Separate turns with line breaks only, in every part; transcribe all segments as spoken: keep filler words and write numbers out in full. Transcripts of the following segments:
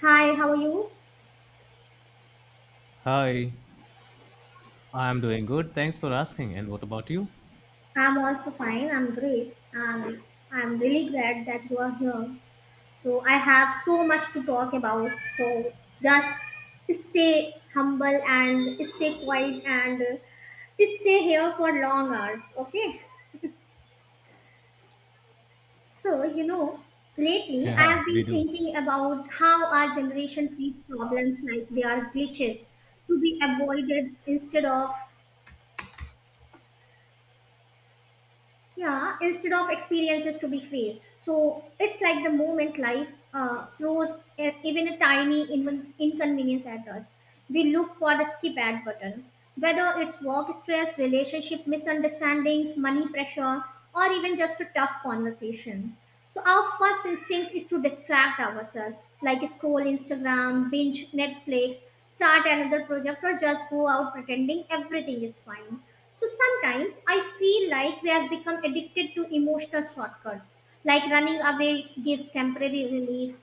Hi, how are you?
Hi, I'm doing good. Thanks for asking. And what about you?
I'm also fine. I'm great. And I'm really glad that you are here. So, I have so much to talk about. So, just stay humble and stay quiet, and uh, stay here for long hours. Okay? So, you know, lately I
Yeah,
have
we
been
do.
thinking about how our generation treats problems like they are glitches to be avoided, instead of yeah instead of experiences to be faced. So it's like the moment life uh, throws e- even a tiny inv- inconvenience at us. We look for the skip ad button, whether it's work stress, relationship misunderstandings, money pressure, or even just a tough conversation. So our first instinct is to distract ourselves, like scroll Instagram, binge Netflix, start another project, or just go out pretending everything is fine. So sometimes I feel like we have become addicted to emotional shortcuts, like running away gives temporary relief.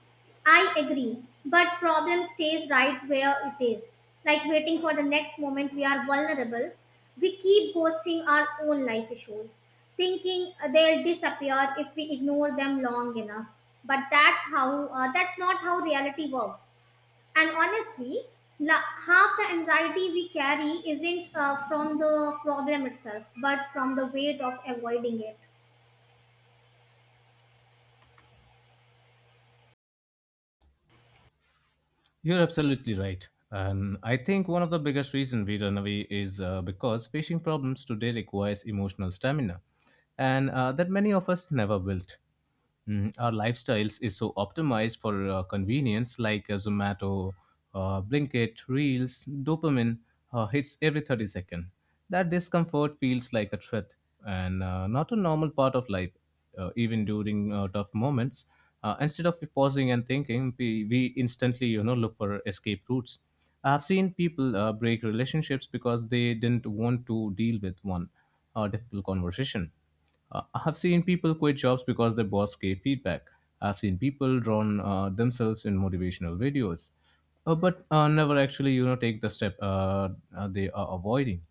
I agree, but problem stays right where it is, like waiting for the next moment we are vulnerable. We keep ghosting our own life issues, thinking they'll disappear if we ignore them long enough. But that's how uh, that's not how reality works. And honestly, la- half the anxiety we carry isn't uh, from the problem itself, but from the weight of avoiding it.
You're absolutely right. And I think one of the biggest reason we run away is uh, because fishing problems today requires emotional stamina, and uh, that many of us never built. Mm, our lifestyles is so optimized for uh, convenience, like uh, Zomato, uh, Blinkit, Reels, dopamine uh, hits every thirty seconds. That discomfort feels like a threat and uh, not a normal part of life, uh, even during uh, tough moments. Uh, instead of pausing and thinking, we, we instantly, you know, look for escape routes. I've seen people uh, break relationships because they didn't want to deal with one uh, difficult conversation. Uh, I have seen people quit jobs because their boss gave feedback. I've seen people drawn uh, themselves in motivational videos, uh, but uh, never actually, you know, take the step uh, uh, they are avoiding.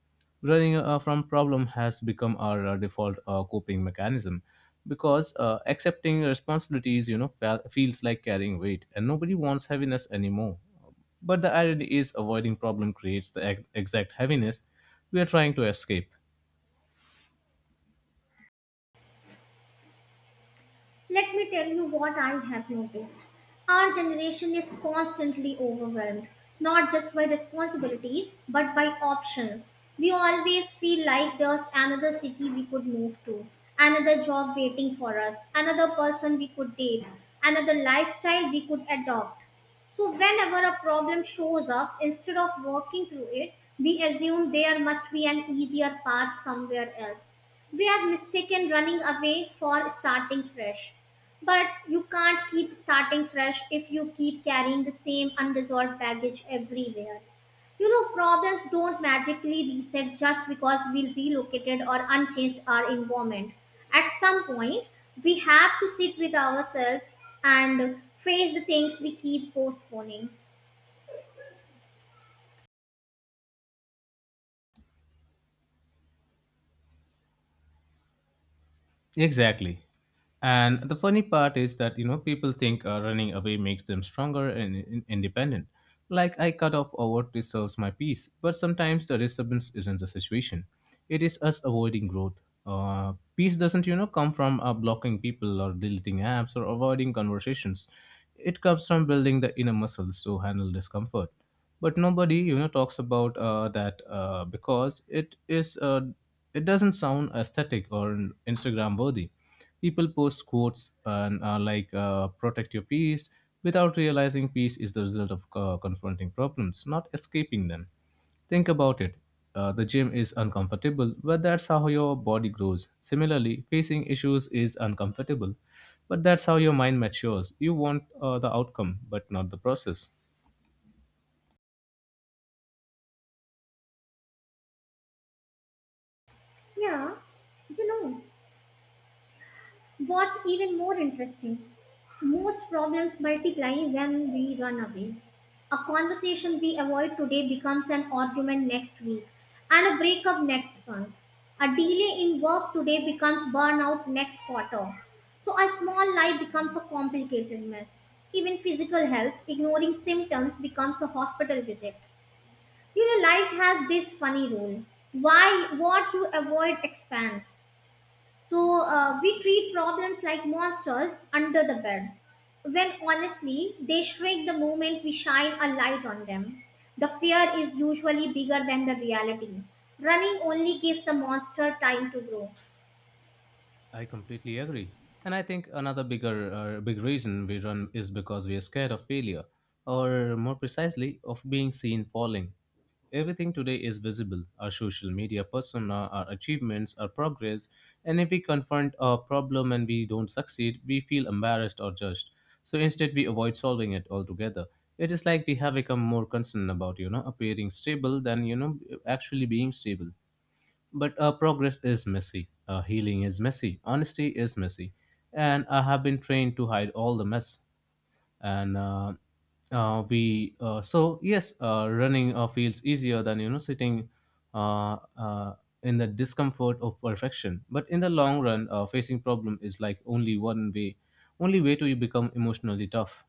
Running uh, from problem has become our uh, default uh, coping mechanism because uh, accepting responsibilities, you know, fe- feels like carrying weight, and nobody wants heaviness anymore. But the irony is, avoiding problem creates the ex- exact heaviness we are trying to escape.
Let me tell you what I have noticed. Our generation is constantly overwhelmed, not just by responsibilities, but by options. We always feel like there's another city we could move to, another job waiting for us, another person we could date, another lifestyle we could adopt. So, whenever a problem shows up, instead of working through it, we assume there must be an easier path somewhere else. We have mistaken running away for starting fresh. But you can't keep starting fresh if you keep carrying the same unresolved baggage everywhere. You know, problems don't magically reset just because we relocated or unchanged our environment. At some point, we have to sit with ourselves and face the things we keep postponing.
Exactly. And the funny part is that, you know, people think uh, running away makes them stronger and in- independent. Like, I cut off or what deserves my peace. But sometimes the disturbance isn't the situation, it is us avoiding growth. Uh, peace doesn't, you know, come from uh, blocking people or deleting apps or avoiding conversations. It comes from building the inner muscles to handle discomfort. But nobody, you know, talks about uh, that uh, because it is. Uh, it doesn't sound aesthetic or Instagram worthy. People post quotes and uh, like uh, protect your peace without realizing peace is the result of uh, confronting problems, not escaping them. Think about it. Uh, the gym is uncomfortable, but that's how your body grows. Similarly, facing issues is uncomfortable, but that's how your mind matures. You want uh, the outcome, but not the process.
Yeah, you know. What's even more interesting, most problems multiply when we run away. A conversation we avoid today becomes an argument next week, and a breakup next month. A delay in work today becomes burnout next quarter. So, a small lie becomes a complicated mess. Even physical health, ignoring symptoms, becomes a hospital visit. You know, life has this funny rule why what you avoid expands. So uh, we treat problems like monsters under the bed, when honestly they shrink the moment we shine a light on them. The fear is usually bigger than the reality. Running only gives the monster time to grow.
I completely agree. And I think another bigger uh, big reason we run is because we are scared of failure or more precisely of being seen falling. Everything today is visible, our social media persona, our achievements, our progress, and if we confront a problem and we don't succeed, we feel embarrassed or judged. So instead we avoid solving it altogether. It is like we have become more concerned about, you know, appearing stable than, you know, actually being stable. But uh, progress is messy, uh, healing is messy, honesty is messy, and I have been trained to hide all the mess. And uh, uh, we uh, so yes, uh, running uh, feels easier than you know sitting uh, uh, in the discomfort of perfection. But in the long run, uh, facing problem is like only one way, only way to become emotionally tough.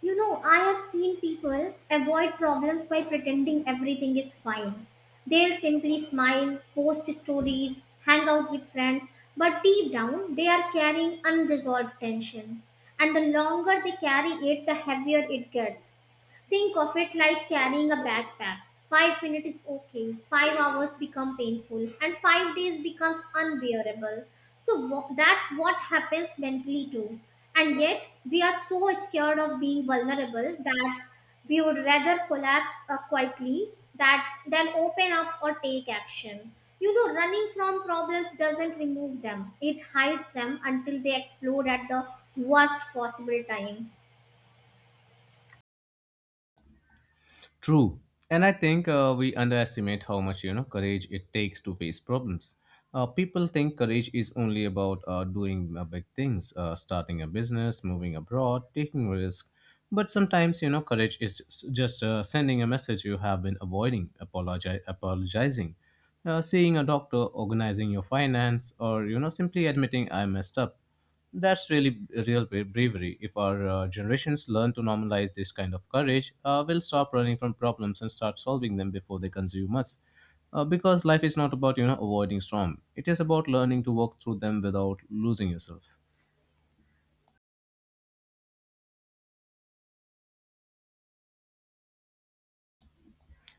You know, I have seen people avoid problems by pretending everything is fine. They'll simply smile, post stories, hang out with friends, but deep down they are carrying unresolved tension. And the longer they carry it, the heavier it gets. Think of it like carrying a backpack. Five minutes is okay, five hours become painful, and five days becomes unbearable. So wha- that's what happens mentally too. And yet, we are so scared of being vulnerable that we would rather collapse uh, quietly, that than open up or take action. You know, running from problems doesn't remove them; it hides them until they explode at the worst possible time.
True. And I think uh, we underestimate how much, you know, courage it takes to face problems. Uh, people think courage is only about uh, doing uh, big things, uh, starting a business, moving abroad, taking risk. But sometimes, you know, courage is s- just uh, sending a message you have been avoiding, apologi- apologizing, uh, seeing a doctor, organizing your finance, or, you know, simply admitting I messed up. That's really real bra- bravery. If our uh, generations learn to normalize this kind of courage, uh, we'll stop running from problems and start solving them before they consume us. Uh, because life is not about you know avoiding storm. It is about learning to walk through them without losing yourself.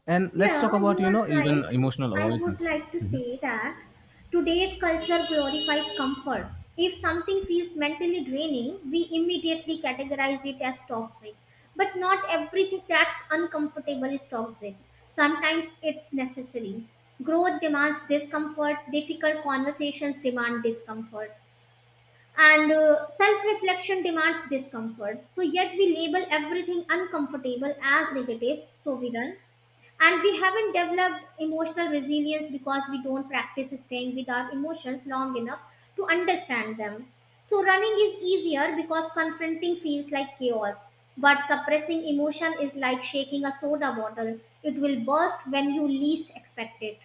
And let's talk
Yeah,
about
you
you
are
know even
right.
emotional
I would
avoidance.
like to say that today's culture glorifies comfort. If something feels mentally draining, we immediately categorize it as toxic. But not everything that's uncomfortable is toxic. Sometimes it's necessary. Growth demands discomfort, difficult conversations demand discomfort, and uh, self reflection demands discomfort. So, yet we label everything uncomfortable as negative, so we run, and we haven't developed emotional resilience because we don't practice staying with our emotions long enough to understand them. So, running is easier because confronting feels like chaos, but suppressing emotion is like shaking a soda bottle; it will burst when you least expect it.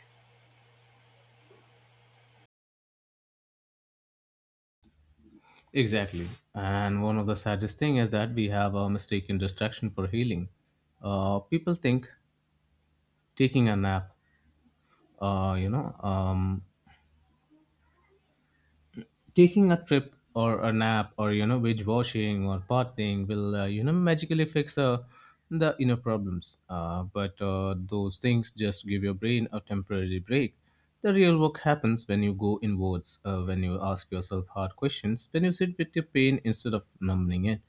Exactly. And one of the saddest thing is that we have a mistaken distraction for healing. Uh, people think taking a nap, uh, you know, um, taking a trip or a nap or you know wage washing or partying will uh, you know magically fix uh, the inner problems uh, but uh, those things just give your brain a temporary break. The real work happens when you go inwards, uh, when you ask yourself hard questions, when you sit with your pain instead of numbing it.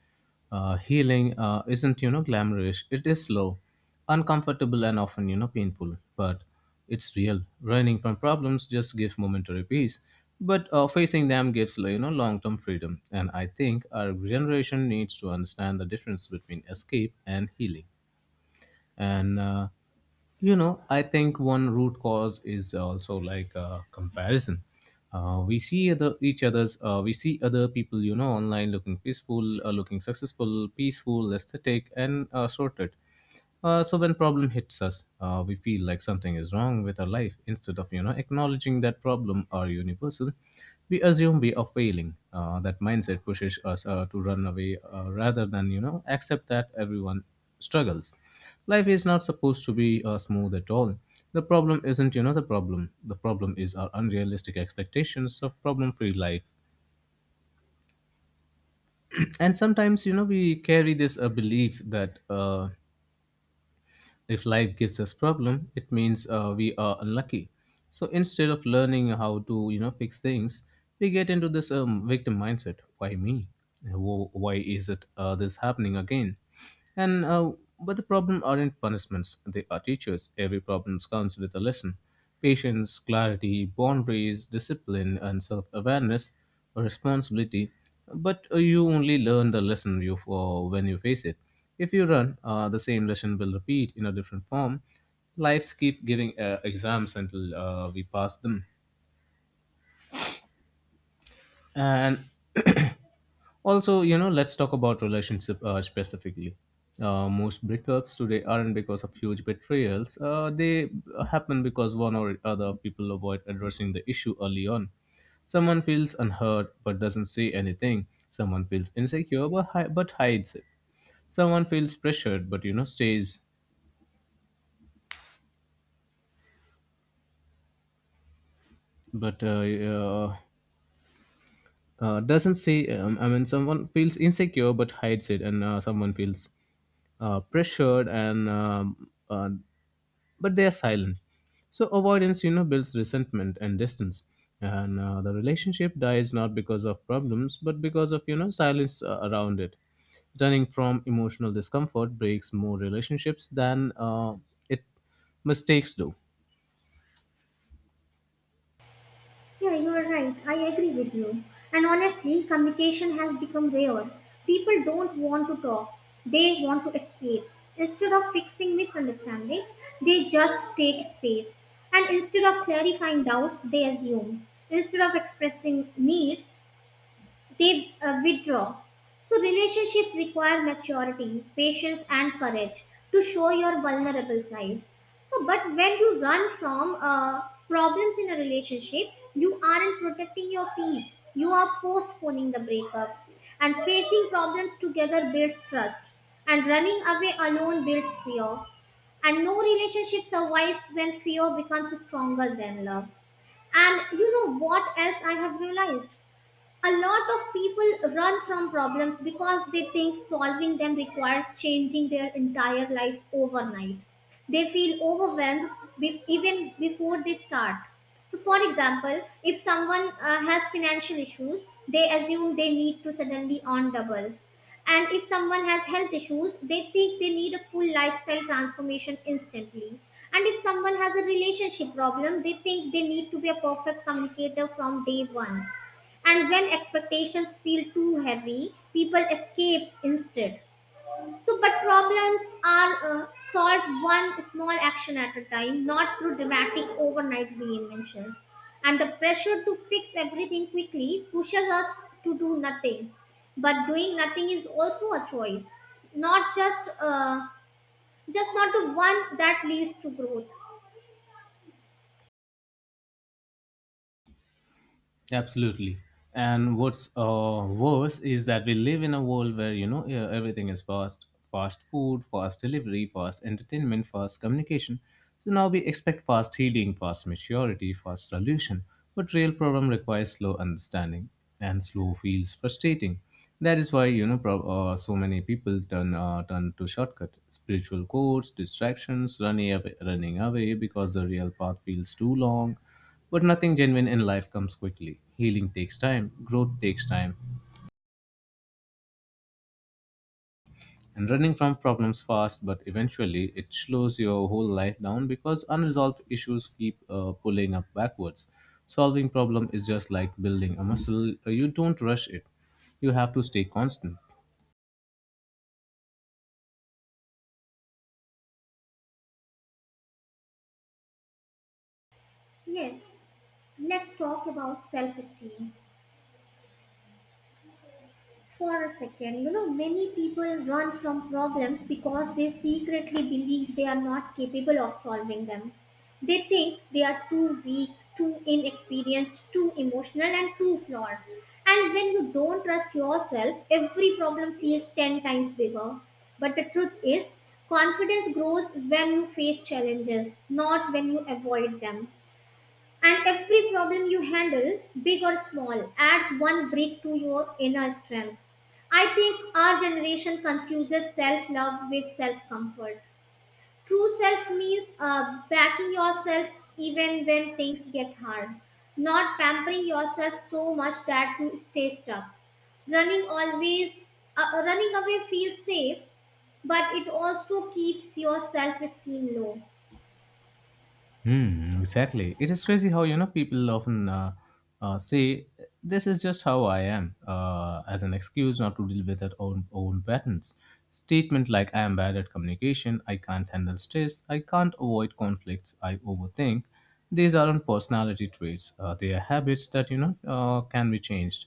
uh, Healing uh, isn't you know glamorous. It is slow, uncomfortable, and often you know painful, but it's real. Running from problems just gives momentary peace, but uh, facing them gives you know long-term freedom. And I think our generation needs to understand the difference between escape and healing. And uh, You know, I think one root cause is also like uh, comparison. Uh, we see other each other's uh, we see other people you know online looking peaceful, uh, looking successful, peaceful, aesthetic, and uh, sorted. Uh, so when problem hits us, uh, we feel like something is wrong with our life instead of you know acknowledging that problem are universal. We assume we are failing. Uh, that mindset pushes us uh, to run away uh, rather than you know accept that everyone struggles. Life is not supposed to be uh, smooth at all. The problem isn't, you know, the problem. The problem is our unrealistic expectations of problem free life. And sometimes, you know, we carry this uh, belief that uh, if life gives us problem, it means uh, we are unlucky. So instead of learning how to you know fix things, we get into this um, victim mindset. Why me? Wh- Why is it uh, this happening again? And uh, But the problem aren't punishments; they are teachers. Every problem comes with a lesson. Patience, clarity, boundaries, discipline, and self-awareness, responsibility. But uh, you only learn the lesson you for when you face it. If you run, uh, the same lesson will repeat in a different form. Lives keep giving uh, exams until uh, we pass them. And also, you know, let's talk about relationship uh, specifically. Uh, most breakups today aren't because of huge betrayals. Uh, they happen because one or other of people avoid addressing the issue early on. Someone feels unheard but doesn't say anything. Someone feels insecure but, hi- but hides it. Someone feels pressured but you know stays. But uh, uh, uh, doesn't say um, I mean someone feels insecure but hides it, and uh, someone feels uh, pressured and um, uh, but they are silent. So avoidance you know builds resentment and distance, and uh, the relationship dies not because of problems but because of you know silence uh, around it. Turning from emotional discomfort breaks more relationships than uh, it mistakes do.
Yeah, you are right. I agree with you. And honestly, communication has become rare. People don't want to talk, they want to escape. Instead of fixing misunderstandings, they just take space. And instead of clarifying doubts, they assume. Instead of expressing needs, they uh, withdraw. So, relationships require maturity, patience, and courage to show your vulnerable side. So, but when you run from uh, problems in a relationship, you aren't protecting your peace. You are postponing the breakup. And facing problems together builds trust. And running away alone builds fear. And no relationship survives when fear becomes stronger than love. And you know what else I have realized? A lot of people run from problems because they think solving them requires changing their entire life overnight. They feel overwhelmed be- even before they start. So, for example, if someone uh, has financial issues, they assume they need to suddenly earn double. And if someone has health issues, they think they need a full lifestyle transformation instantly. And if someone has a relationship problem, they think they need to be a perfect communicator from day one. And when expectations feel too heavy, people escape instead. So, but problems are uh, solved one small action at a time, not through dramatic overnight reinventions. And the pressure to fix everything quickly pushes us to do nothing. But doing nothing is also a choice, not just uh, just not the one that leads to growth.
Absolutely. And what's uh, worse is that we live in a world where you know e- everything is fast, fast food, fast delivery, fast entertainment, fast communication. So now we expect fast healing, fast maturity, fast solution. But real problem requires slow understanding, and slow feels frustrating. That is why you know prob- uh, so many people turn uh, turn to shortcut, spiritual codes, distractions, running away, running away because the real path feels too long. But nothing genuine in life comes quickly. Healing takes time, growth takes time, and running from problems fast, but eventually it slows your whole life down because unresolved issues keep uh, pulling up backwards. Solving problem is just like building a muscle. You don't rush it. You have to stay constant.
Yes, let's talk about self-esteem for a second. You know, many people run from problems because they secretly believe they are not capable of solving them. They think they are too weak, too inexperienced, too emotional, and too flawed. And when you don't trust yourself, every problem feels ten times bigger. But the truth is, confidence grows when you face challenges, not when you avoid them. And every problem you handle, big or small, adds one brick to your inner strength. I think our generation confuses self love with self comfort. True self means uh, backing yourself even when things get hard, not pampering yourself so much that you stay stuck. Running always uh, Running away feels safe, but it also keeps your self esteem low.
Hmm, exactly. It is crazy how you know people often uh, uh, say this is just how I am uh, as an excuse not to deal with their own own patterns. Statement like I am bad at communication, I can't handle stress, I can't avoid conflicts, I overthink. These aren't personality traits. Uh, they are habits that you know uh, can be changed.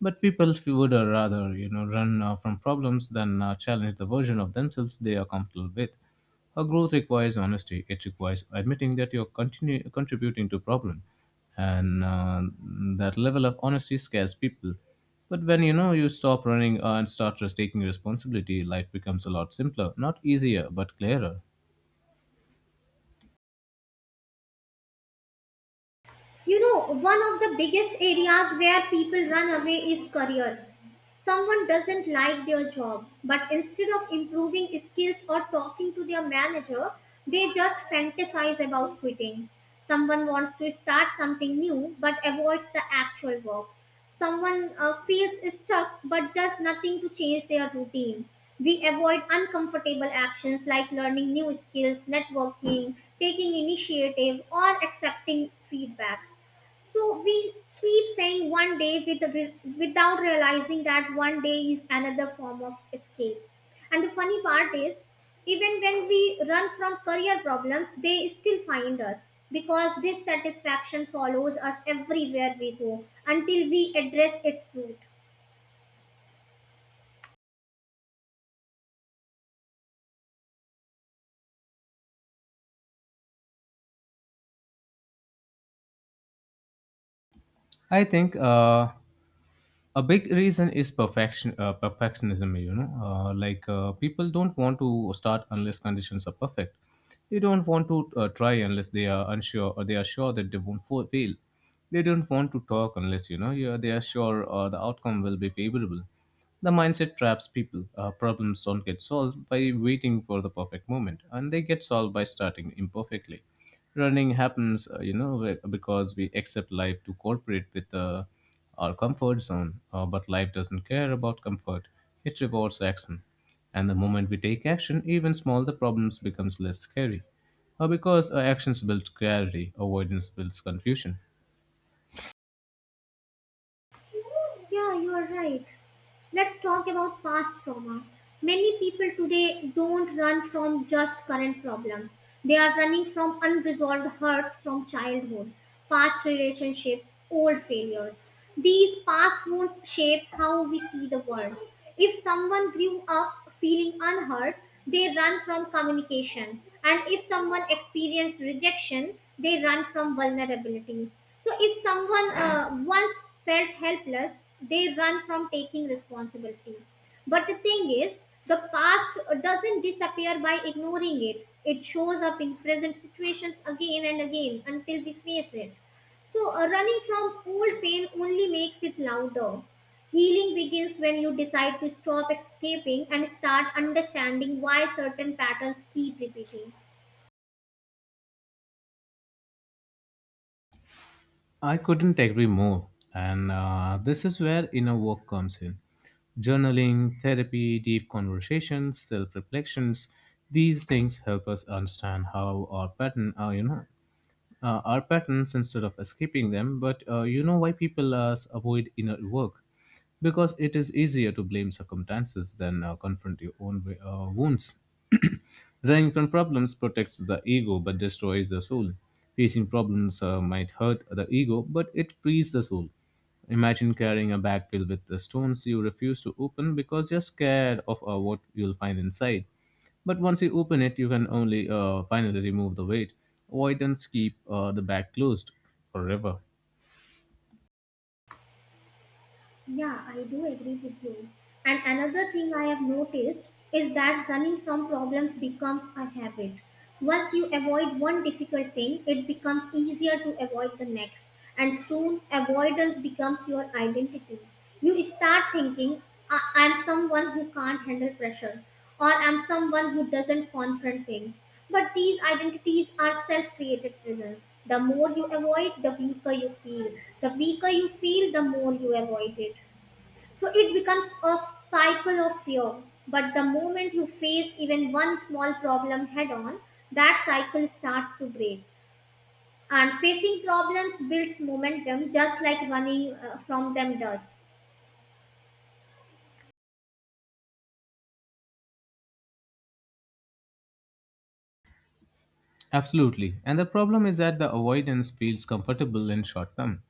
But people f- would uh, rather you know run uh, from problems than uh, challenge the version of themselves they are comfortable with. A growth requires honesty. It requires admitting that you're continu- contributing to a problem, and uh, that level of honesty scares people. But when you know you stop running uh, and start just taking responsibility, life becomes a lot simpler, not easier, but clearer.
You know, one of the biggest areas where people run away is career. Someone doesn't like their job, but instead of improving skills or talking to their manager, they just fantasize about quitting. Someone wants to start something new but avoids the actual work. Someone uh, feels stuck but does nothing to change their routine. We avoid uncomfortable actions like learning new skills, networking, taking initiative, or accepting feedback. So we keep saying one day with, without realizing that one day is another form of escape. And the funny part is, even when we run from career problems, they still find us, because dissatisfaction follows us everywhere we go until we address its root.
I think uh, a big reason is perfection uh, perfectionism, you know, uh, like uh, people don't want to start unless conditions are perfect. They don't want to uh, try unless they are unsure or they are sure that they won't fo- fail. They don't want to talk unless you know you are, they are sure uh, the outcome will be favorable. The mindset traps people. Uh, problems don't get solved by waiting for the perfect moment, and they get solved by starting imperfectly. Running happens, uh, you know, be- because we accept life to cooperate with uh, our comfort zone, uh, but life doesn't care about comfort. It rewards action. And the moment we take action, even small, the problems becomes less scary. Uh, because uh, actions build clarity, avoidance builds confusion.
Yeah, you are right. Let's talk about past trauma. Many people today don't run from just current problems. They are running from unresolved hurts from childhood, past relationships, old failures. These past wounds shape how we see the world. If someone grew up feeling unheard, they run from communication. And if someone experienced rejection, they run from vulnerability. So if someone uh, once felt helpless, they run from taking responsibility. But the thing is, the past doesn't disappear by ignoring it. It shows up in present situations again and again until we face it. So, uh, running from old pain only makes it louder. Healing begins when you decide to stop escaping and start understanding why certain patterns keep repeating.
I couldn't agree more. And uh, this is where inner work comes in. Journaling, therapy, deep conversations, self reflections, these things help us understand how our patterns are, you know uh, our patterns instead of escaping them. But uh, you know why people uh, s- avoid inner work? Because it is easier to blame circumstances than uh, confront your own wi- uh, wounds. Running from problems protects the ego but destroys the soul. Facing problems uh, might hurt the ego, but it frees the soul. Imagine carrying a bag filled with the stones you refuse to open because you're scared of uh, what you'll find inside. But once you open it, you can only uh, finally remove the weight. Avoidance keep uh, the bag closed forever.
Yeah, I do agree with you. And another thing I have noticed is that running from problems becomes a habit. Once you avoid one difficult thing, it becomes easier to avoid the next. And soon, avoidance becomes your identity. You start thinking, "I- I'm someone who can't handle pressure, or I'm someone who doesn't confront things." But these identities are self created prisons. The more you avoid, the weaker you feel. The weaker you feel, the more you avoid it. So it becomes a cycle of fear. But the moment you face even one small problem head on, that cycle starts to break. And facing problems builds momentum just like running uh, from them does.
Absolutely. And the problem is that the avoidance feels comfortable in short term.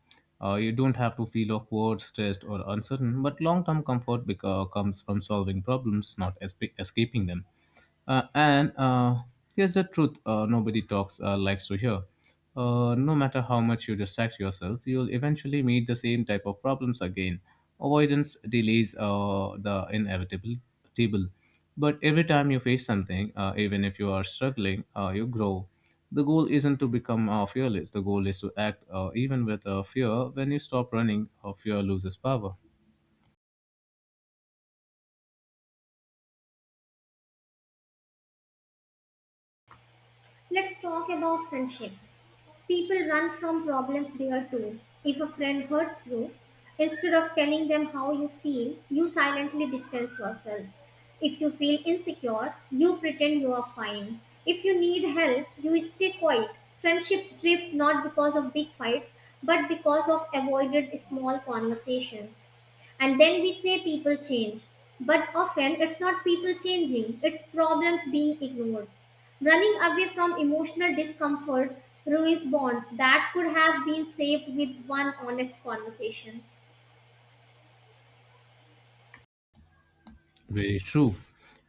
Uh, you don't have to feel awkward, stressed, or uncertain, but long term comfort beca- comes from solving problems, not espa escaping them. Uh, and uh, here's the truth uh, nobody talks uh, likes to hear. Uh, no matter how much you distract yourself, you'll eventually meet the same type of problems again. Avoidance delays uh, the inevitable. Table. But every time you face something, uh, even if you are struggling, uh, you grow. The goal isn't to become uh, fearless. The goal is to act uh, even with uh, fear. When you stop running, uh, fear loses power.
Let's talk about friendships. People run from problems there too. If a friend hurts you, instead of telling them how you feel, you silently distance yourself. If you feel insecure, you pretend you are fine. If you need help, you stay quiet. Friendships drift not because of big fights, but because of avoided small conversations. And then we say people change. But often it's not people changing, it's problems being ignored. Running away from emotional discomfort ruins bonds that could have been saved with one honest conversation.
Very true.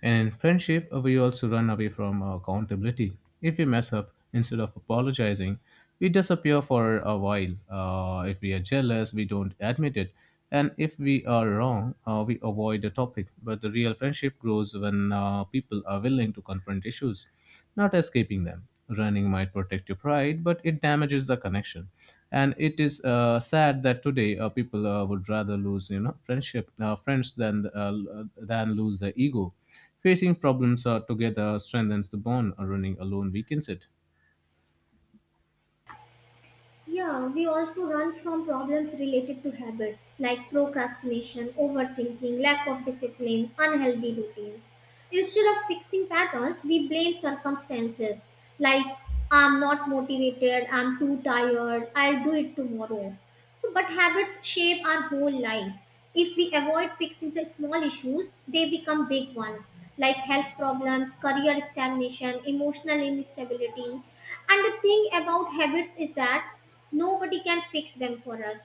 And in friendship, uh, we also run away from uh, accountability. If we mess up, instead of apologizing, we disappear for a while. Uh, if we are jealous, we don't admit it. And if we are wrong, uh, we avoid the topic. But the real friendship grows when uh, people are willing to confront issues not escaping them. Running might protect your pride, but it damages the connection. And it is uh, sad that today uh, people uh, would rather lose, you know, friendship, uh, friends than uh, l- uh, than lose their ego. Facing problems uh, together strengthens the bond. uh, Running alone weakens it.
Yeah, we also run from problems related to habits like procrastination, overthinking, lack of discipline, unhealthy routines. Instead of fixing patterns, we blame circumstances like I'm not motivated, I'm too tired, I'll do it tomorrow. So, but habits shape our whole life. If we avoid fixing the small issues, they become big ones like health problems, career stagnation, emotional instability. And the thing about habits is that nobody can fix them for us.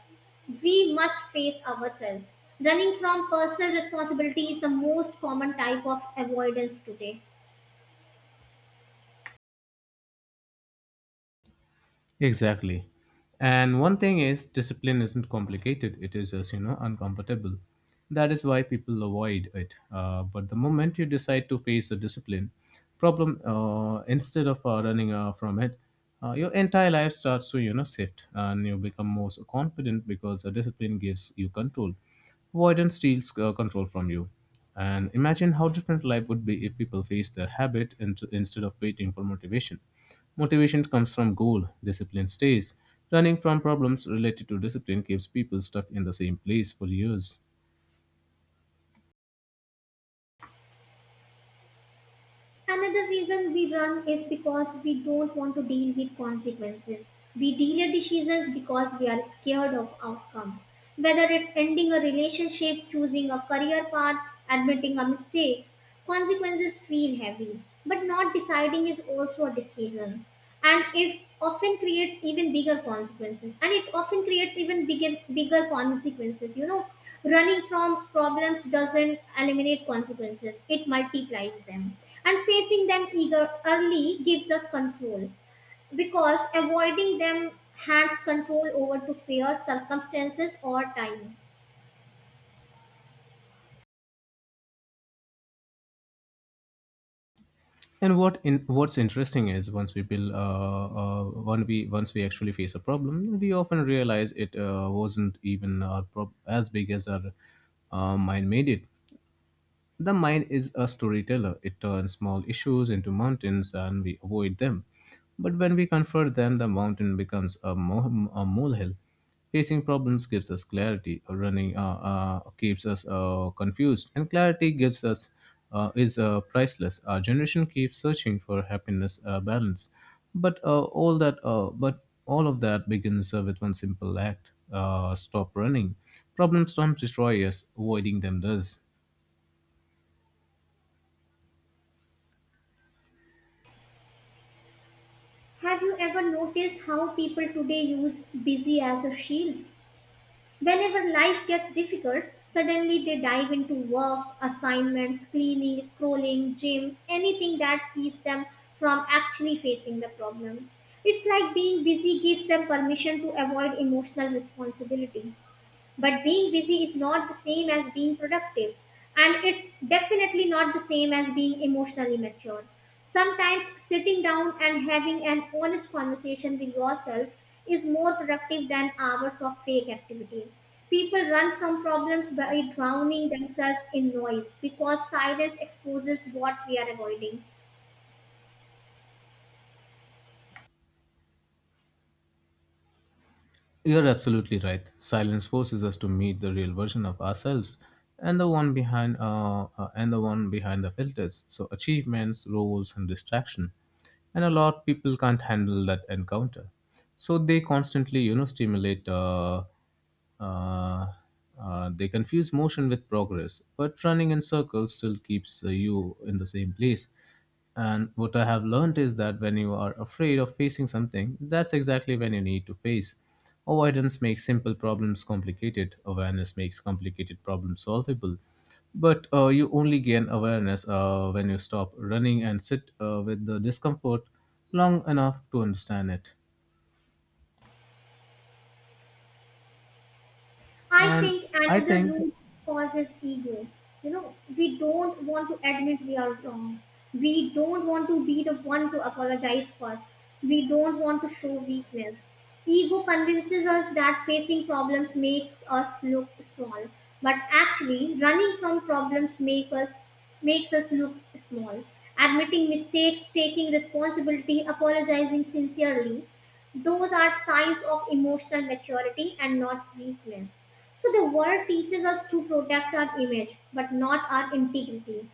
We must face ourselves. Running from personal responsibility is the most common type of avoidance today.
Exactly. And one thing is, discipline isn't complicated, it is just, you know, uncomfortable. That is why people avoid it. Uh, but the moment you decide to face the discipline problem uh, instead of uh, running uh, from it, uh, your entire life starts to, you know, shift and you become more confident because the discipline gives you control. Avoidance steals uh, control from you. And imagine how different life would be if people face their habit int- instead of waiting for motivation. Motivation comes from goal, discipline stays. Running from problems related to discipline keeps people stuck in the same place for years.
Another reason we run is because we don't want to deal with consequences. We delay decisions because we are scared of outcomes. Whether it's ending a relationship, choosing a career path, admitting a mistake, consequences feel heavy. But not deciding is also a decision, and if often creates even bigger consequences, and it often creates even bigger bigger consequences. you know running from problems doesn't eliminate consequences, it multiplies them. And facing them eager early gives us control, because avoiding them hands control over to fear, circumstances, or time.
And what in, what's interesting is once we build, uh, uh, when we once we actually face a problem, we often realize it uh, wasn't even our prob- as big as our uh, mind made it. The mind is a storyteller. It turns small issues into mountains and we avoid them. But when we confront them, the mountain becomes a, mo- a molehill. Facing problems gives us clarity, uh, running uh, uh, keeps us uh, confused, and clarity gives us uh, is uh, priceless. Our generation keeps searching for happiness uh, balance, but uh, all that uh, but all of that begins uh, with one simple act: uh, stop running. Problems don't destroy us; avoiding them does.
Have you ever noticed how people today use busy as a shield? Whenever life gets difficult, suddenly they dive into work, assignments, cleaning, scrolling, gym, anything that keeps them from actually facing the problem. It's like being busy gives them permission to avoid emotional responsibility. But being busy is not the same as being productive, and it's definitely not the same as being emotionally mature. Sometimes sitting down and having an honest conversation with yourself is more productive than hours of fake activity. People run from problems by drowning themselves in noise because silence exposes what we are avoiding.
You're absolutely right. Silence forces us to meet the real version of ourselves and the one behind uh, uh, and the one behind the filters. So achievements, roles and distraction. And a lot of people can't handle that encounter. So they constantly, you know, stimulate uh, uh, uh, they confuse motion with progress, but running in circles still keeps uh, you in the same place. And what I have learned is that when you are afraid of facing something, that's exactly when you need to face. Avoidance makes simple problems complicated, awareness makes complicated problems solvable. But uh, you only gain awareness uh, when you stop running and sit uh, with the discomfort long enough to understand it.
I
And
think
I
another
think.
root cause is ego. You know, we don't want to admit we are wrong. We don't want to be the one to apologize first. We don't want to show weakness. Ego convinces us that facing problems makes us look small, but actually, running from problems make us makes us look small. Admitting mistakes, taking responsibility, apologizing sincerely, those are signs of emotional maturity and not weakness. So the world teaches us to protect our image, but not our integrity.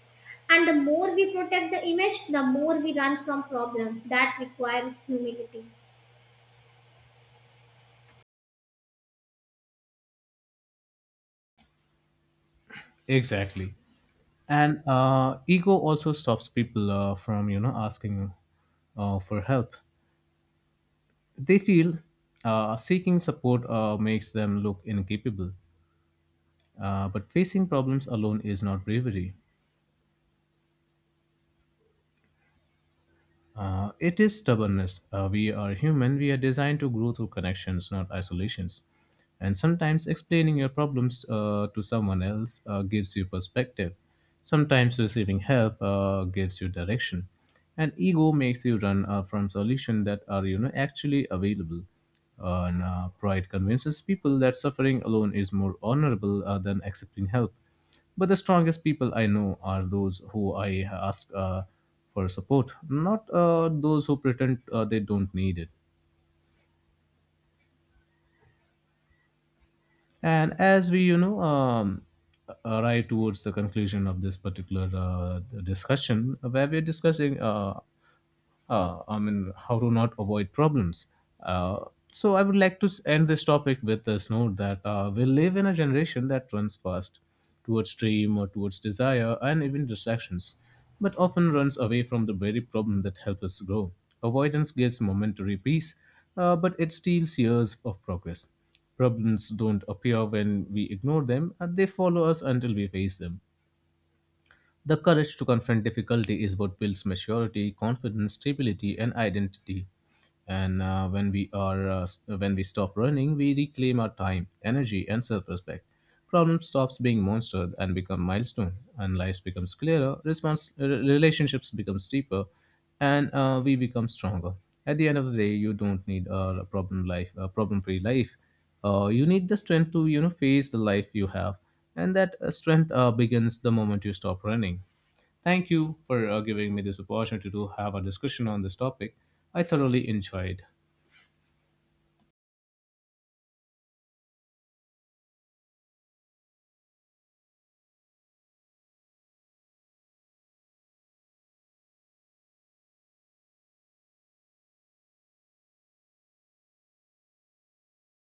And the more we protect the image, the more we run from problems that require humility.
Exactly. and uh, ego also stops people uh, from you know asking uh, for help they feel uh, seeking support uh, makes them look incapable uh, but facing problems alone is not bravery. Uh, it is stubbornness. Uh, we are human. We are designed to grow through connections, not isolations. And sometimes explaining your problems uh, to someone else uh, gives you perspective. Sometimes receiving help uh, gives you direction. And ego makes you run uh, from solutions that are, you know, actually available. Uh, and uh, pride convinces people that suffering alone is more honorable uh, than accepting help. But the strongest people I know are those who I ask uh, for support, not uh, those who pretend uh, they don't need it. And as we, you know, um, arrive towards the conclusion of this particular uh, discussion, where we're discussing uh, uh, I mean, how to not avoid problems. Uh, so I would like to s- end this topic with this note that uh, we live in a generation that runs fast towards dream or towards desire and even distractions, but often runs away from the very problem that helps us grow. Avoidance gives momentary peace, uh, but it steals years of progress. Problems don't appear when we ignore them, and they follow us until we face them. The courage to confront difficulty is what builds maturity, confidence, stability, and identity. And uh, when we are uh, s- When we stop running, we reclaim our time, energy, and self-respect. Problem stops being monster and become milestone, and life becomes clearer. Response uh, Relationships become deeper, and uh, we become stronger. At the end of the day, you don't need uh, a problem life, a problem-free life. Uh, you need the strength to you know face the life you have and that uh, strength uh, begins the moment you stop running. Thank you for uh, giving me this opportunity to have a discussion on this topic. I thoroughly enjoyed.